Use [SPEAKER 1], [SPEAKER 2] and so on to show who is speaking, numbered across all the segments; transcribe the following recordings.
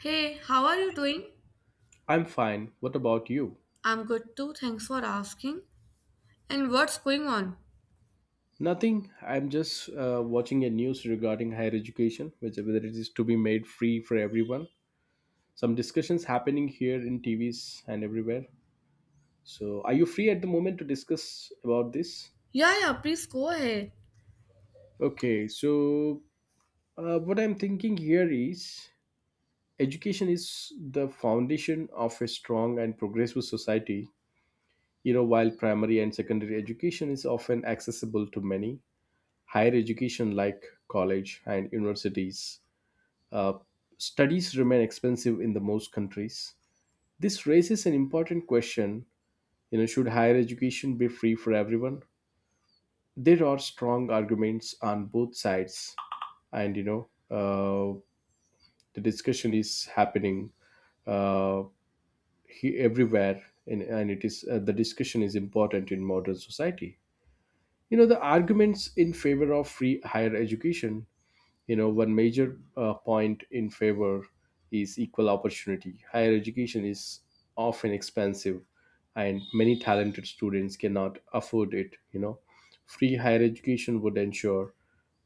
[SPEAKER 1] Hey, how are you doing?
[SPEAKER 2] I'm fine. What about you?
[SPEAKER 1] I'm good too, thanks for asking. And what's going on?
[SPEAKER 2] Nothing. I'm just watching a news regarding higher education, which whether it is to be made free for everyone. Some discussions happening here in TVs and everywhere. So, are you free at the moment to discuss about this?
[SPEAKER 1] Yeah, yeah, please go ahead.
[SPEAKER 2] Okay. So, what I'm thinking here is education is the foundation of a strong and progressive society. You know, while primary and secondary education is often accessible to many, higher education like college and universities uh, studies remain expensive in the most countries. This raises an important question. Should higher education be free for everyone? There are strong arguments on both sides, and the discussion is happening, uh, everywhere, and it is, the discussion is important in modern society. The arguments in favor of free higher education. One major point in favor is equal opportunity. Higher education is often expensive, and many talented students cannot afford it. Free higher education would ensure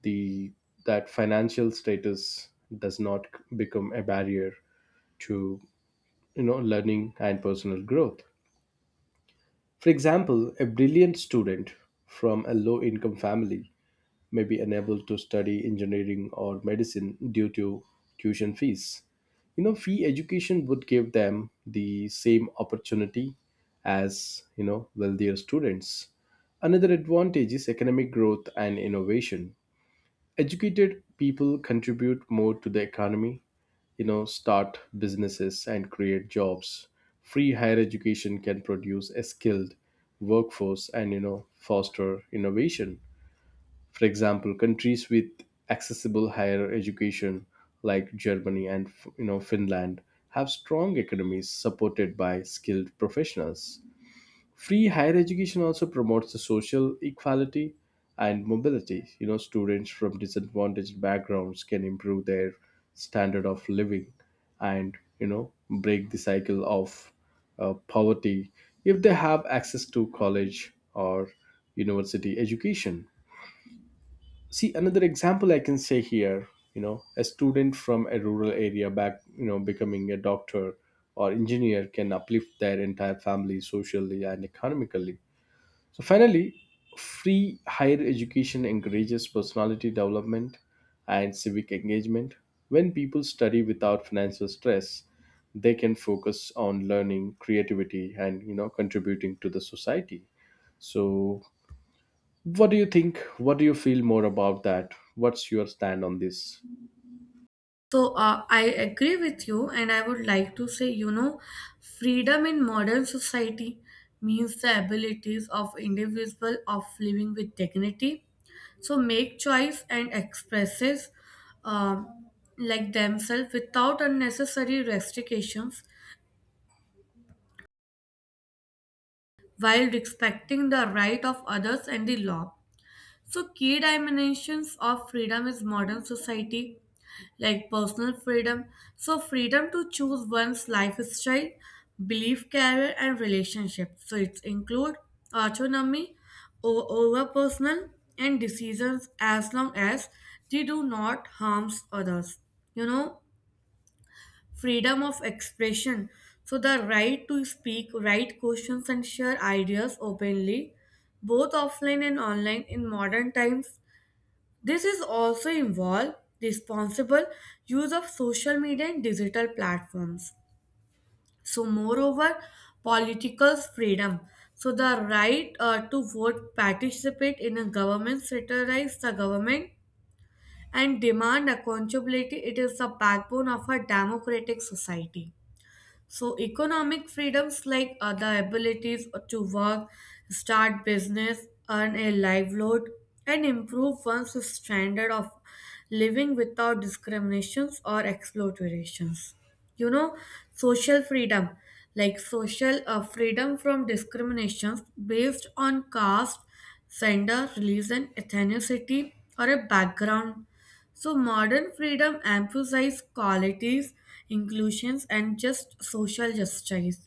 [SPEAKER 2] the that financial status does not become a barrier to learning and personal growth. For example, a brilliant student from a low income family may be unable to study engineering or medicine due to tuition fees. Free education would give them the same opportunity as wealthier students. Another advantage is economic growth and innovation. Educated people contribute more to the economy, start businesses and create jobs. Free higher education can produce a skilled workforce and, foster innovation. For example, countries with accessible higher education like Germany and Finland have strong economies supported by skilled professionals. Free higher education also promotes the social equality and mobility. Students from disadvantaged backgrounds can improve their standard of living and break the cycle of poverty if they have access to college or university education. See another example I can say here. A student from a rural area back you know becoming a doctor or engineer can uplift their entire family socially and economically. So finally, free higher education encourages personality development and civic engagement. When people study without financial stress, they can focus on learning, creativity, and contributing to the society. So what do you think? What do you feel more about that? What's your stand on this?
[SPEAKER 1] So, I agree with you, and I would like to say, you know, freedom in modern society means the abilities of individual of living with dignity. So, make choice and expresses um, like themselves without unnecessary restrictions while respecting the right of others and the law. So, key dimensions of freedom is modern society, like personal freedom. So, freedom to choose one's lifestyle, belief, career, and relationship. So, it include autonomy over personal and decisions as long as they do not harm others. You know, freedom of expression. So, the right to speak, write questions, and share ideas openly, both offline and online in modern times, this is also involve responsible use of social media and digital platforms. So, moreover, political freedom. So, the right to vote, participate in a government, satirize the government, and demand accountability. It is the backbone of a democratic society. So, economic freedoms like the abilities to work, start business, earn a livelihood, and improve one's standard of living without discriminations or exploitations. You know, social freedom like social freedom from discriminations based on caste, gender, religion, ethnicity, or a background, so modern freedom emphasizes qualities, inclusions, and just social justice.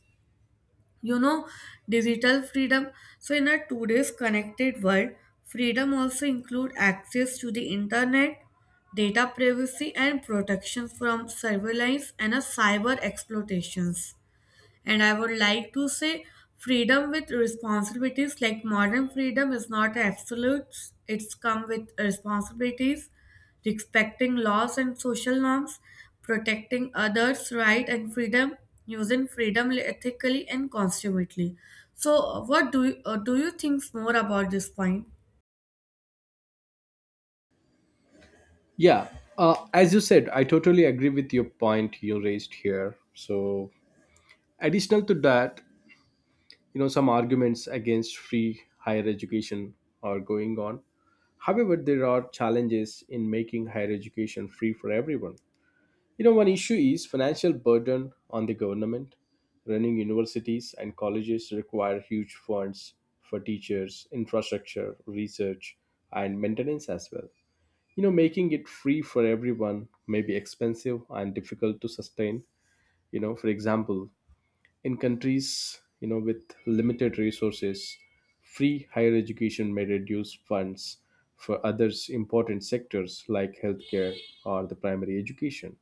[SPEAKER 1] You know, digital freedom. So in a today's connected world, freedom also include access to the internet, data privacy, and protection from surveillance and a cyber exploitations. And I would like to say freedom with responsibilities, like modern freedom is not absolute, it's come with responsibilities, respecting laws and social norms, protecting others' right and freedom, using freedom ethically and consummately. So, what do you think more about this point?
[SPEAKER 2] Yeah, as you said, I totally agree with your point you raised here. So additional to that, some arguments against free higher education are going on. However, there are challenges in making higher education free for everyone. One issue is financial burden on the government. Running universities and colleges require huge funds for teachers, infrastructure, research, and maintenance as well. Making it free for everyone may be expensive and difficult to sustain. For example, in countries, with limited resources, free higher education may reduce funds for others important sectors like healthcare or the primary education.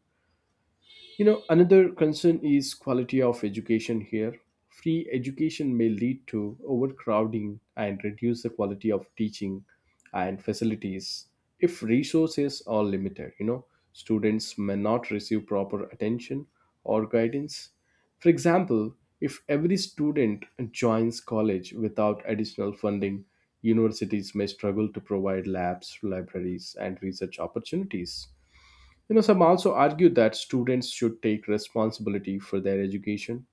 [SPEAKER 2] Another concern is quality of education here. Free education may lead to overcrowding and reduce the quality of teaching and facilities if resources are limited. Students may not receive proper attention or guidance. For example, if every student joins college without additional funding, universities may struggle to provide labs, libraries, and research opportunities. Some also argue that students should take responsibility for their education.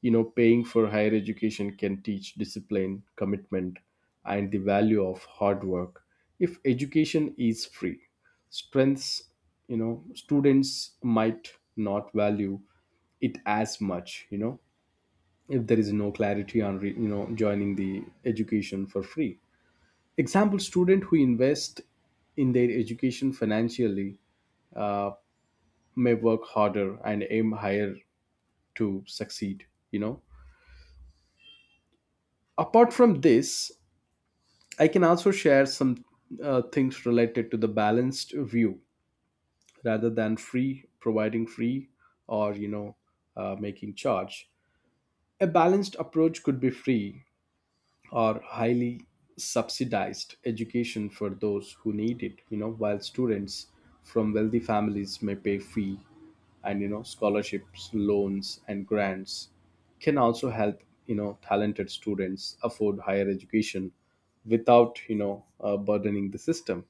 [SPEAKER 2] Paying for higher education can teach discipline, commitment, and the value of hard work if education is free. Strengths, students might not value it as much, if there is no clarity on, joining the education for free. Example, student who invest in their education financially uh, may work harder and aim higher to succeed. Apart from this, I can also share some things related to the balanced view rather than free providing free or making charge. A balanced approach could be free or highly subsidized education for those who need it, while students from wealthy families may pay fee. And scholarships, loans, and grants can also help talented students afford higher education without burdening the system.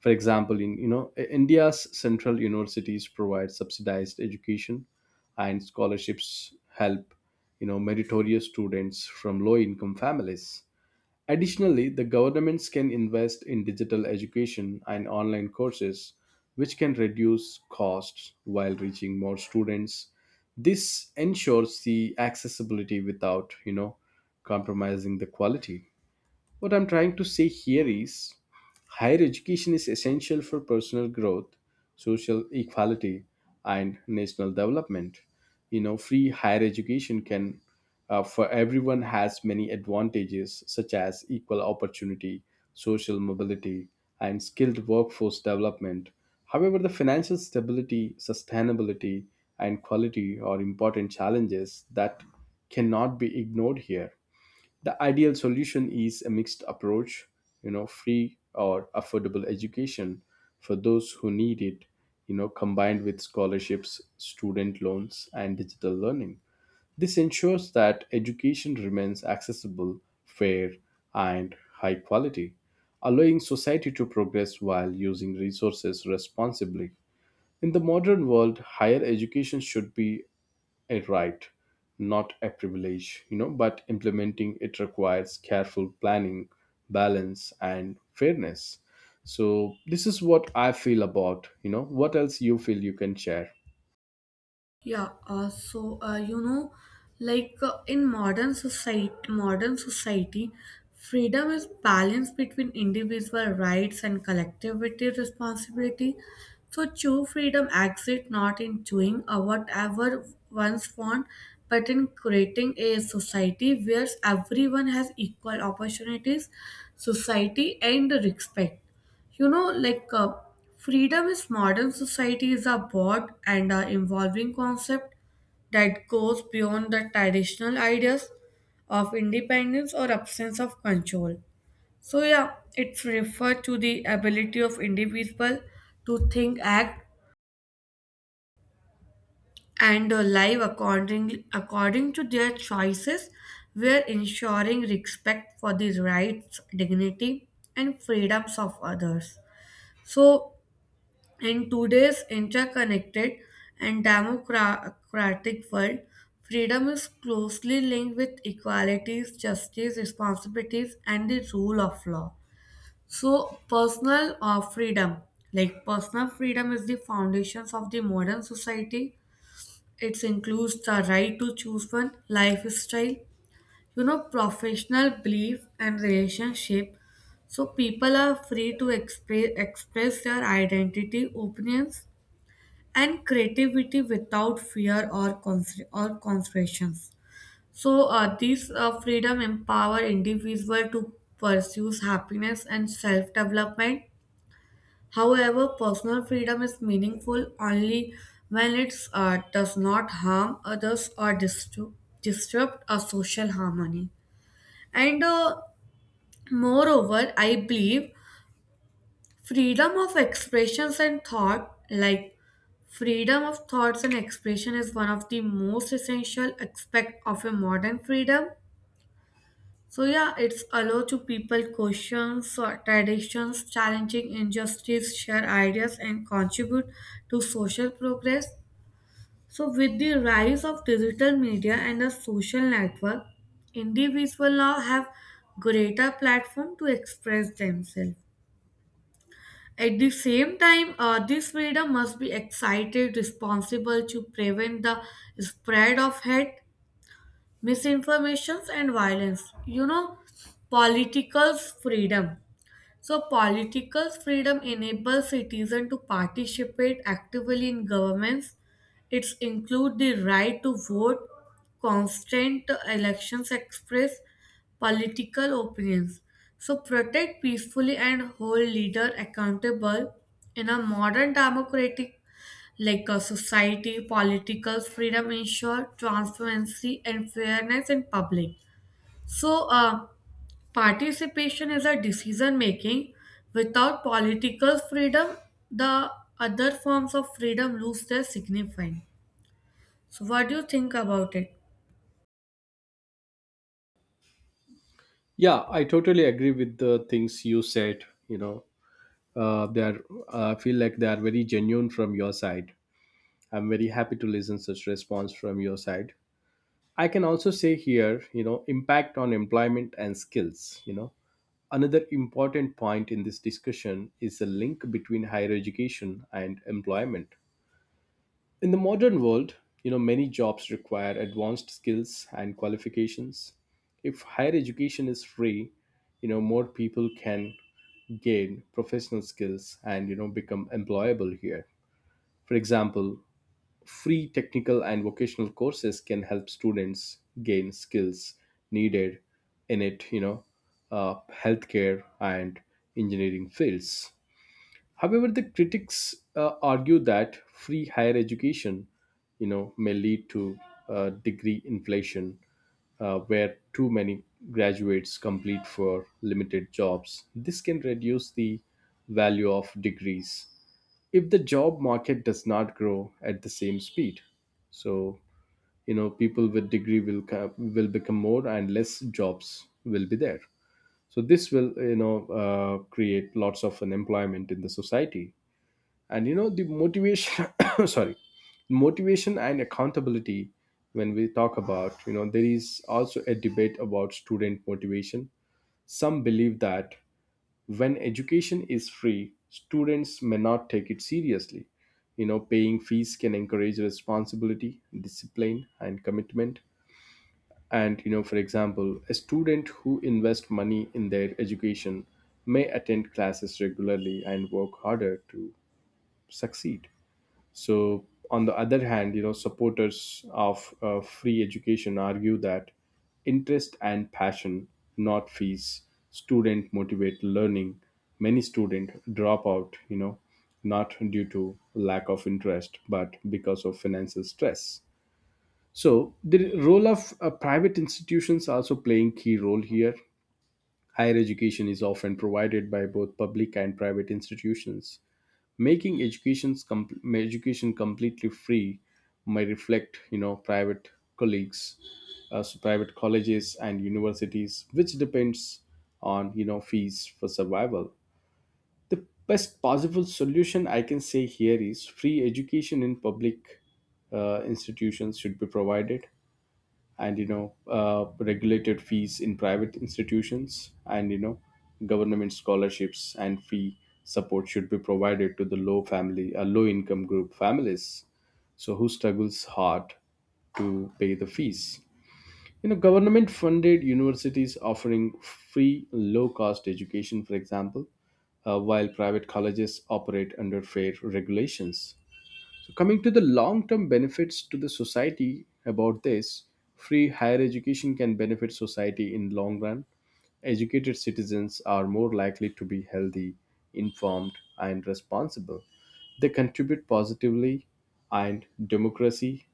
[SPEAKER 2] For example, in India's central universities provide subsidized education, and scholarships help meritorious students from low income families. Additionally, the governments can invest in digital education and online courses, which can reduce costs while reaching more students. This ensures the accessibility without compromising the quality. What I'm trying to say here is higher education is essential for personal growth, social equality, and national development. Free higher education can, for everyone, has many advantages such as equal opportunity, social mobility, and skilled workforce development. However, the financial stability, sustainability, and quality are important challenges that cannot be ignored here. The ideal solution is a mixed approach. Free or affordable education for those who need it, combined with scholarships, student loans, and digital learning. This ensures that education remains accessible, fair, and high quality, allowing society to progress while using resources responsibly. In the modern world, higher education should be a right, not a privilege, but implementing it requires careful planning, balance, and fairness. So, this is what I feel about, what else you feel you can share.
[SPEAKER 1] Yeah, you know, like in modern society, freedom is balance between individual rights and collectivity responsibility. So true freedom exists not in doing whatever one's want, but in creating a society where everyone has equal opportunities, society, and respect. You know, like freedom is modern society is a broad and evolving concept that goes beyond the traditional ideas of independence or absence of control. So yeah, it's referred to the ability of individual to think, act, and live according to their choices, where ensuring respect for the rights, dignity, and freedoms of others. So in today's interconnected and democratic world, freedom is closely linked with equalities, justice, responsibilities, and the rule of law. So, personal freedom, like personal freedom, is the foundations of the modern society. It includes the right to choose one lifestyle, you know, professional belief and relationship. So people are free to express their identity, opinions, and creativity without fear or constraints. So this freedom empower individual to pursue happiness and self development. However, personal freedom is meaningful only when it does not harm others or disturb disrupt a social harmony. And moreover, I believe freedom of expressions and thought, like freedom of thoughts and expression, is one of the most essential aspect of a modern freedom. So yeah, it's allow to people questions or traditions, challenging injustice, share ideas, and contribute to social progress. So with the rise of digital media and the social network, individuals now have greater platform to express themselves. At the same time, this freedom must be excited, responsible to prevent the spread of hate, misinformations, and violence. You know, political freedom. So political freedom enables citizens to participate actively in governments. It's include the right to vote, constant elections express political opinions. So protect peacefully and hold leader accountable in a modern democratic like a society, political freedom ensure transparency and fairness in public. So, participation is a decision making. Without political freedom, the other forms of freedom lose their significance. So, what do you think about it?
[SPEAKER 2] Yeah, I totally agree with the things you said. They are, I feel like they are very genuine from your side. I'm very happy to listen such response from your side. I can also say here, impact on employment and skills. Another important point in this discussion is the link between higher education and employment. In the modern world, many jobs require advanced skills and qualifications. If higher education is free, more people can gain professional skills and become employable here. For example, free technical and vocational courses can help students gain skills needed in it, healthcare and engineering fields. However, the critics argue that free higher education, may lead to degree inflation, where too many graduates complete for limited jobs. This can reduce the value of degrees if the job market does not grow at the same speed. So people with degree will become more and less jobs will be there. So this will create lots of unemployment in the society. And the motivation sorry motivation and accountability. When we talk about, there is also a debate about student motivation. Some believe that when education is free, students may not take it seriously. Paying fees can encourage responsibility, discipline, and commitment. And for example, a student who invests money in their education may attend classes regularly and work harder to succeed. So, on the other hand, supporters of free education argue that interest and passion, not fees, student motivate learning. Many students drop out, not due to lack of interest, but because of financial stress. So, the role of private institutions also playing key role here. Higher education is often provided by both public and private institutions, making education completely free may reflect private colleagues. So private colleges and universities which depends on fees for survival. The best possible solution I can say here is free education in public institutions should be provided, and regulated fees in private institutions, and government scholarships and fee support should be provided to the low income group families. So who struggles hard to pay the fees. Government funded universities offering free low cost education, for example, while private colleges operate under fair regulations. So, coming to the long term benefits to the society about this, free higher education can benefit society in long run. Educated citizens are more likely to be healthy, informed, and responsible. They contribute positively and democracy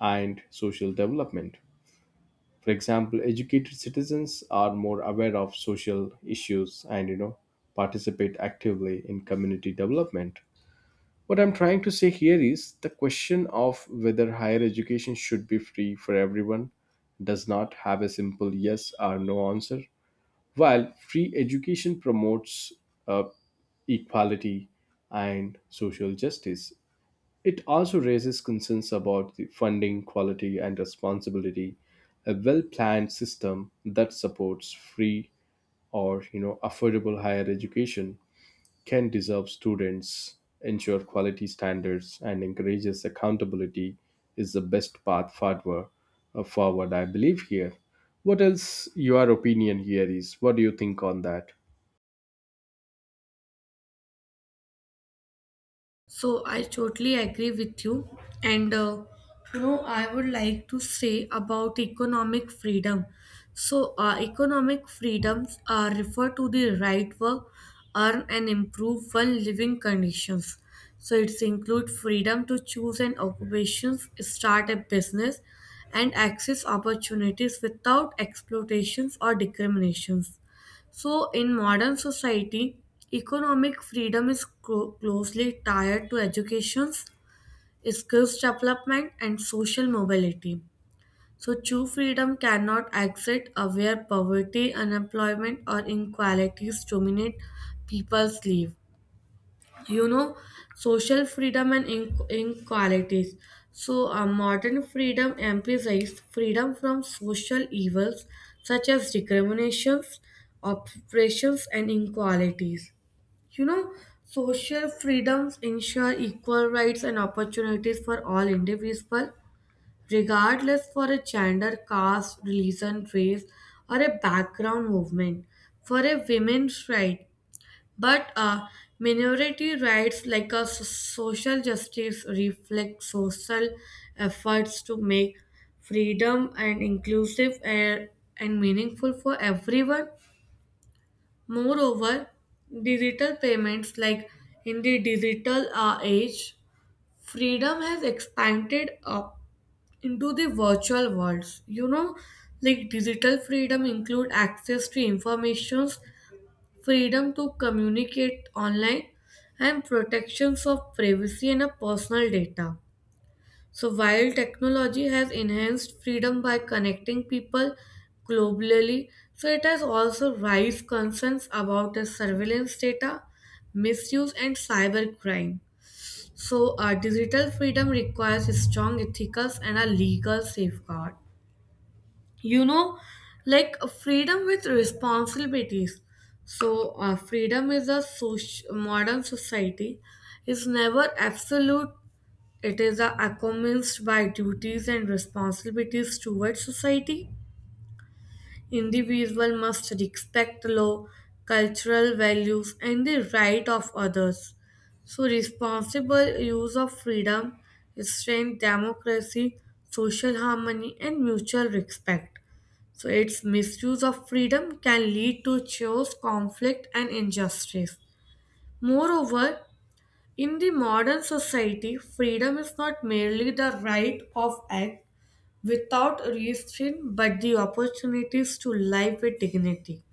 [SPEAKER 2] and social development. For example, educated citizens are more aware of social issues, and participate actively in community development. What I'm trying to say here is the question of whether higher education should be free for everyone does not have a simple yes or no answer. While free education promotes uh, equality and social justice, it also raises concerns about the funding quality and responsibility. A well-planned system that supports free or affordable higher education can deserve students, ensure quality standards, and encourages accountability is the best path forward. Forward, I believe here. What else your opinion here is? What do you think on that?
[SPEAKER 1] So I totally agree with you. And you know, I would like to say about economic freedom. So, economic freedoms refer to the right work, earn and improve one living conditions. So it's include freedom to choose an occupation, start a business, and access opportunities without exploitations or discriminations. So, in modern society, economic freedom is closely tied to education, skills development, and social mobility. So, true freedom cannot exist where poverty, unemployment, or inequalities dominate people's life. You know, social freedom and inequalities. So, modern freedom emphasizes freedom from social evils such as discriminations, oppressions, and inequalities. You know, social freedoms ensure equal rights and opportunities for all individuals regardless for a gender, caste, religion, race, or a background movement for a women's right. But minority rights, like a social justice, reflect social efforts to make freedom and inclusive and meaningful for everyone. Moreover, digital payments, like in the digital age, freedom has expanded up into the virtual worlds. You know, like digital freedom include access to information, freedom to communicate online, and protections of privacy and personal data. So, while technology has enhanced freedom by connecting people globally, so it has also raised concerns about the surveillance data, misuse, and cybercrime. So, digital freedom requires strong ethical and a legal safeguard. You know, like freedom with responsibilities. So, freedom is a modern society is never absolute, it is a accompanied by duties and responsibilities towards society. Individual must respect law, cultural values, and the right of others. So responsible use of freedom strengthens democracy, social harmony, and mutual respect, so its misuse of freedom can lead to chaos, conflict, and injustice. Moreover, in the modern society, freedom is not merely the right of act without restraint but the opportunities to live with dignity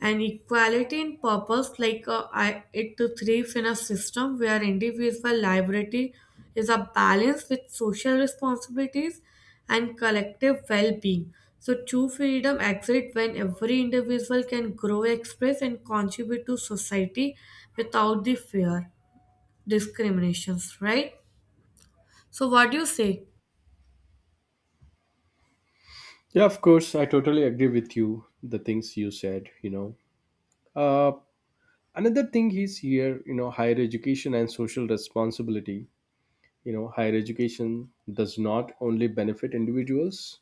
[SPEAKER 1] and equality in purpose, like a I it to thrive in a system where individual liberty is a balance with social responsibilities and collective well-being. So true freedom exists when every individual can grow express and contribute to society without the fear discriminations right. So what do you say?
[SPEAKER 2] Yeah, of course, I totally agree with you. The things you said. Uh, another thing is here, you know, higher education and social responsibility. You know, higher education does not only benefit individuals;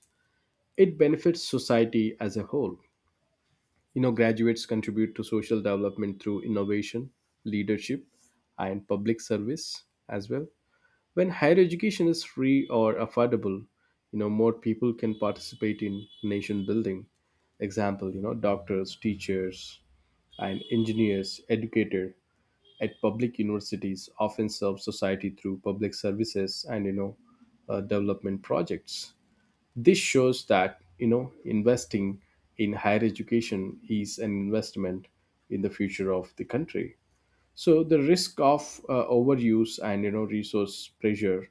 [SPEAKER 2] it benefits society as a whole. You know, graduates contribute to social development through innovation, leadership, and public service as well. When higher education is free or affordable, you know, more people can participate in nation building. Example, you know, doctors, teachers, and engineers, educator at public universities often serve society through public services and development projects. This shows that you know investing in higher education is an investment in the future of the country. So the risk of overuse and you know resource pressure,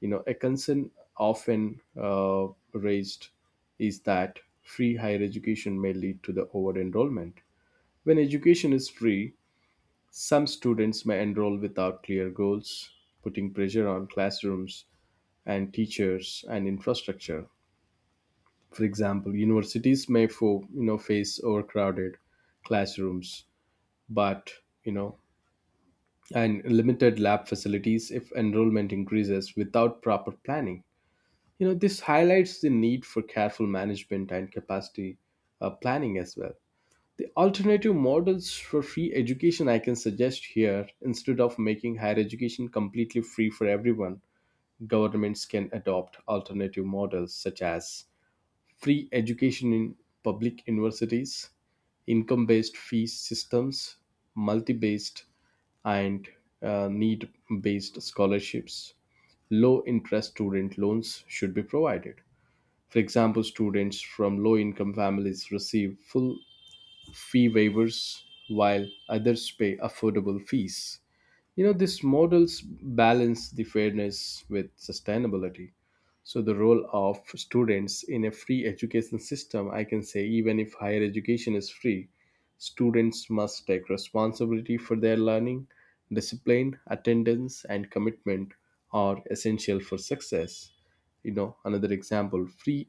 [SPEAKER 2] you know, a concern often raised is that free higher education may lead to the over enrollment. When education is free, some students may enroll without clear goals, putting pressure on classrooms and teachers and infrastructure. For example, universities may you know face overcrowded classrooms, but you know and limited lab facilities if enrollment increases without proper planning. You know this highlights the need for careful management and capacity planning as well. The alternative models for free education I can suggest here instead of making higher education completely free for everyone, governments can adopt alternative models such as free education in public universities, income based fee systems, multi based and need based scholarships. Low interest student loans should be provided. For example, students from low income families receive full fee waivers while others pay affordable fees. You know, these models balance the fairness with sustainability. So, the role of students in a free education system, I can say, even if higher education is free, students must take responsibility for their learning. Discipline, attendance, and commitment are essential for success. You know, another example free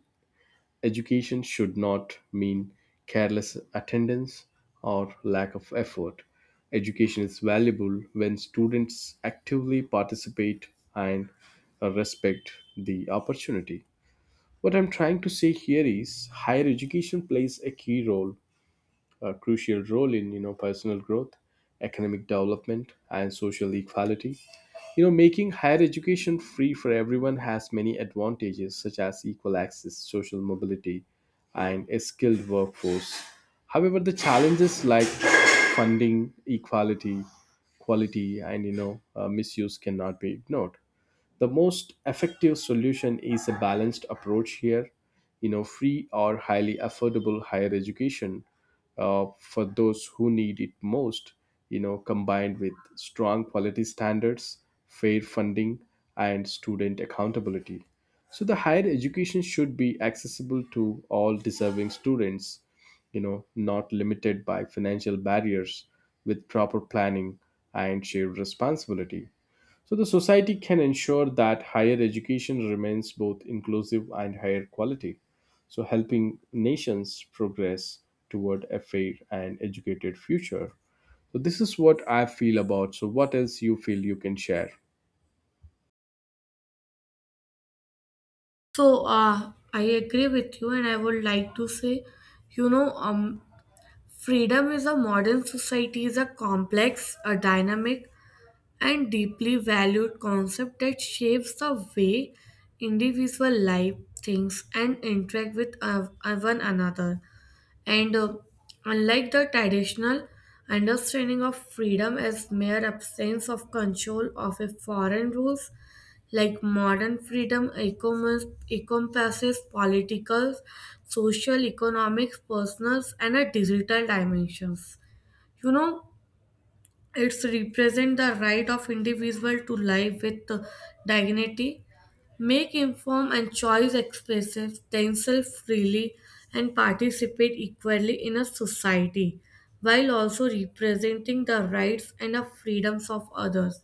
[SPEAKER 2] education should not mean careless attendance or lack of effort. Education is valuable when students actively participate and respect the opportunity. What I'm trying to say here is higher education plays a key role, a crucial role in you know personal growth, economic development, and social equality. You know, making higher education free for everyone has many advantages such as equal access, social mobility, and a skilled workforce. However, the challenges like funding, equality, quality, and misuse cannot be ignored. The most effective solution is a balanced approach here, you know, free or highly affordable higher education for those who need it most, you know, combined with strong quality standards, fair funding, and student accountability. So the higher education should be accessible to all deserving students, you know, not limited by financial barriers. With proper planning and shared responsibility, so the society can ensure that higher education remains both inclusive and higher quality, so helping nations progress toward a fair and educated future. So this is what I feel about. So what else you feel you can share?
[SPEAKER 1] So I agree with you and I would like to say, you know, freedom is a modern society is a complex, a dynamic, and deeply valued concept that shapes the way individual live, thinks, and interact with one another. And unlike the traditional understanding of freedom as mere absence of control of a foreign rules, like modern freedom encompasses political, social, economic, personal, and a digital dimensions. You know, it's represent the right of individual to live with dignity, make informed and choice expressions themselves freely and participate equally in a society while also representing the rights and the freedoms of others.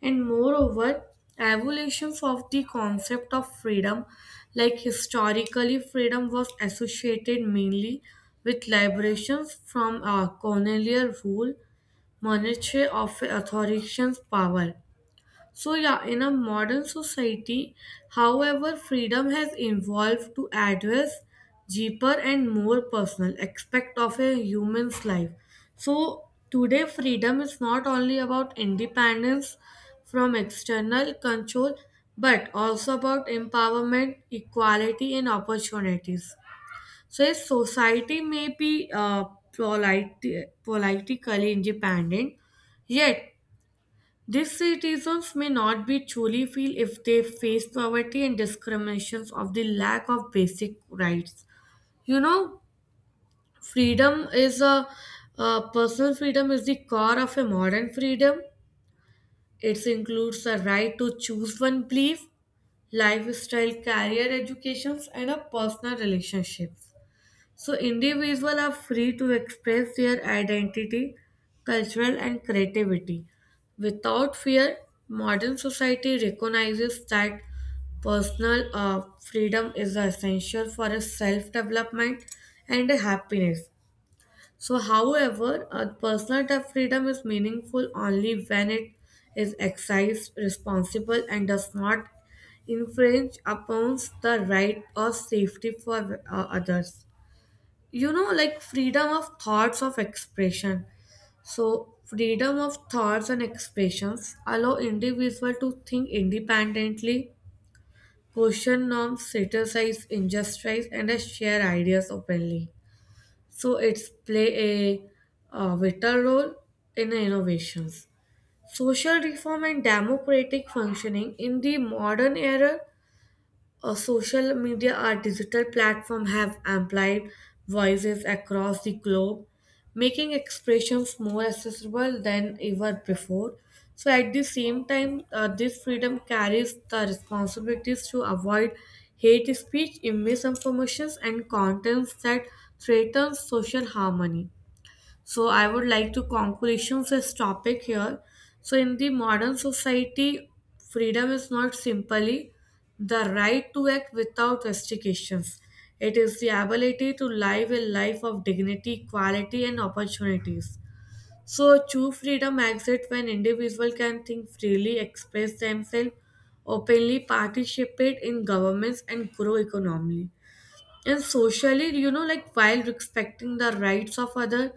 [SPEAKER 1] And moreover, evolutions of the concept of freedom, like historically, freedom was associated mainly with liberations from colonial rule, monarchy of authoritarian power. So yeah, in a modern society, however, freedom has evolved to address deeper and more personal aspect of a human's life. So today, freedom is not only about independence from external control, but also about empowerment, equality, and opportunities. Says society may be politically independent, yet these citizens may not be truly feel if they face poverty and discriminations of the lack of basic rights. You know, freedom is a personal freedom is the core of a modern freedom. It includes a right to choose one belief, lifestyle, career, educations, and a personal relationships. So individuals are free to express their identity, cultural and creativity. Without fear, modern society recognizes that personal freedom is essential for a self-development and a happiness. So however, personal freedom is meaningful only when it is exercised responsible and does not infringe upon the right or safety for others. You know, like freedom of thoughts of expression. So freedom of thoughts and expressions allow individual to think independently, question norms, criticize injustice, and share ideas openly. So it's play a, vital role in innovations, social reform, and democratic functioning in the modern era. Social media or digital platforms have amplified voices across the globe, making expressions more accessible than ever before. So, at the same time, this freedom carries the responsibilities to avoid hate speech, misinformations, and contents that threaten social harmony. So I would like to conclusion this topic here. So in the modern society, freedom is not simply the right to act without restrictions. It is the ability to live a life of dignity, equality, and opportunities. So true freedom exists when individuals can think freely, express themselves openly, participate in governments, and grow economically and socially, you know, like while respecting the rights of other.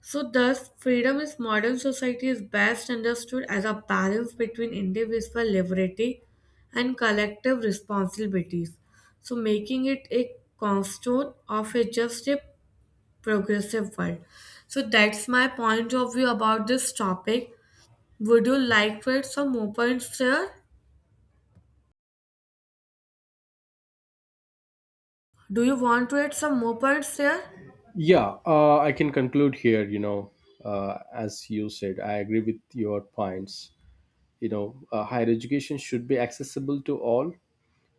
[SPEAKER 1] So, thus, freedom in modern society is best understood as a balance between individual liberty and collective responsibilities, so making it a cornerstone of a just a progressive world. So, that's my point of view about this topic. Would you like to add some more points there? Do you want to add some more points there?
[SPEAKER 2] Yeah, I can conclude here. You know, as you said, I agree with your points. You know, higher education should be accessible to all,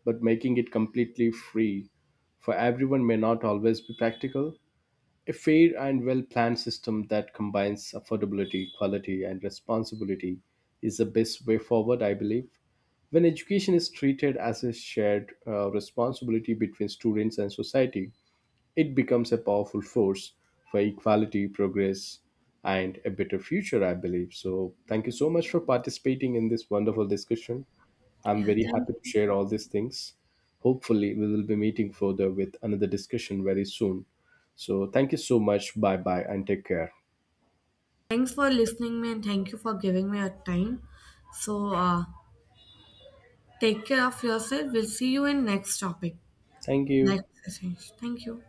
[SPEAKER 2] but making it completely free for everyone may not always be practical. A fair and well planned system that combines affordability, quality, and responsibility is the best way forward, I believe. When education is treated as a shared responsibility between students and society, it becomes a powerful force for equality, progress, and a better future, I believe. So, thank you so much for participating in this wonderful discussion. I'm
[SPEAKER 1] Yeah,
[SPEAKER 2] very
[SPEAKER 1] thank,
[SPEAKER 2] happy to share all these things. Hopefully, we will be meeting further with another discussion very soon. So, thank you so much. Bye bye and take care.
[SPEAKER 1] Thanks for listening me and thank you for giving me your time. So, take care of yourself. We'll see you in next topic.
[SPEAKER 2] Thank
[SPEAKER 1] Next
[SPEAKER 2] you.
[SPEAKER 1] session. Thank you.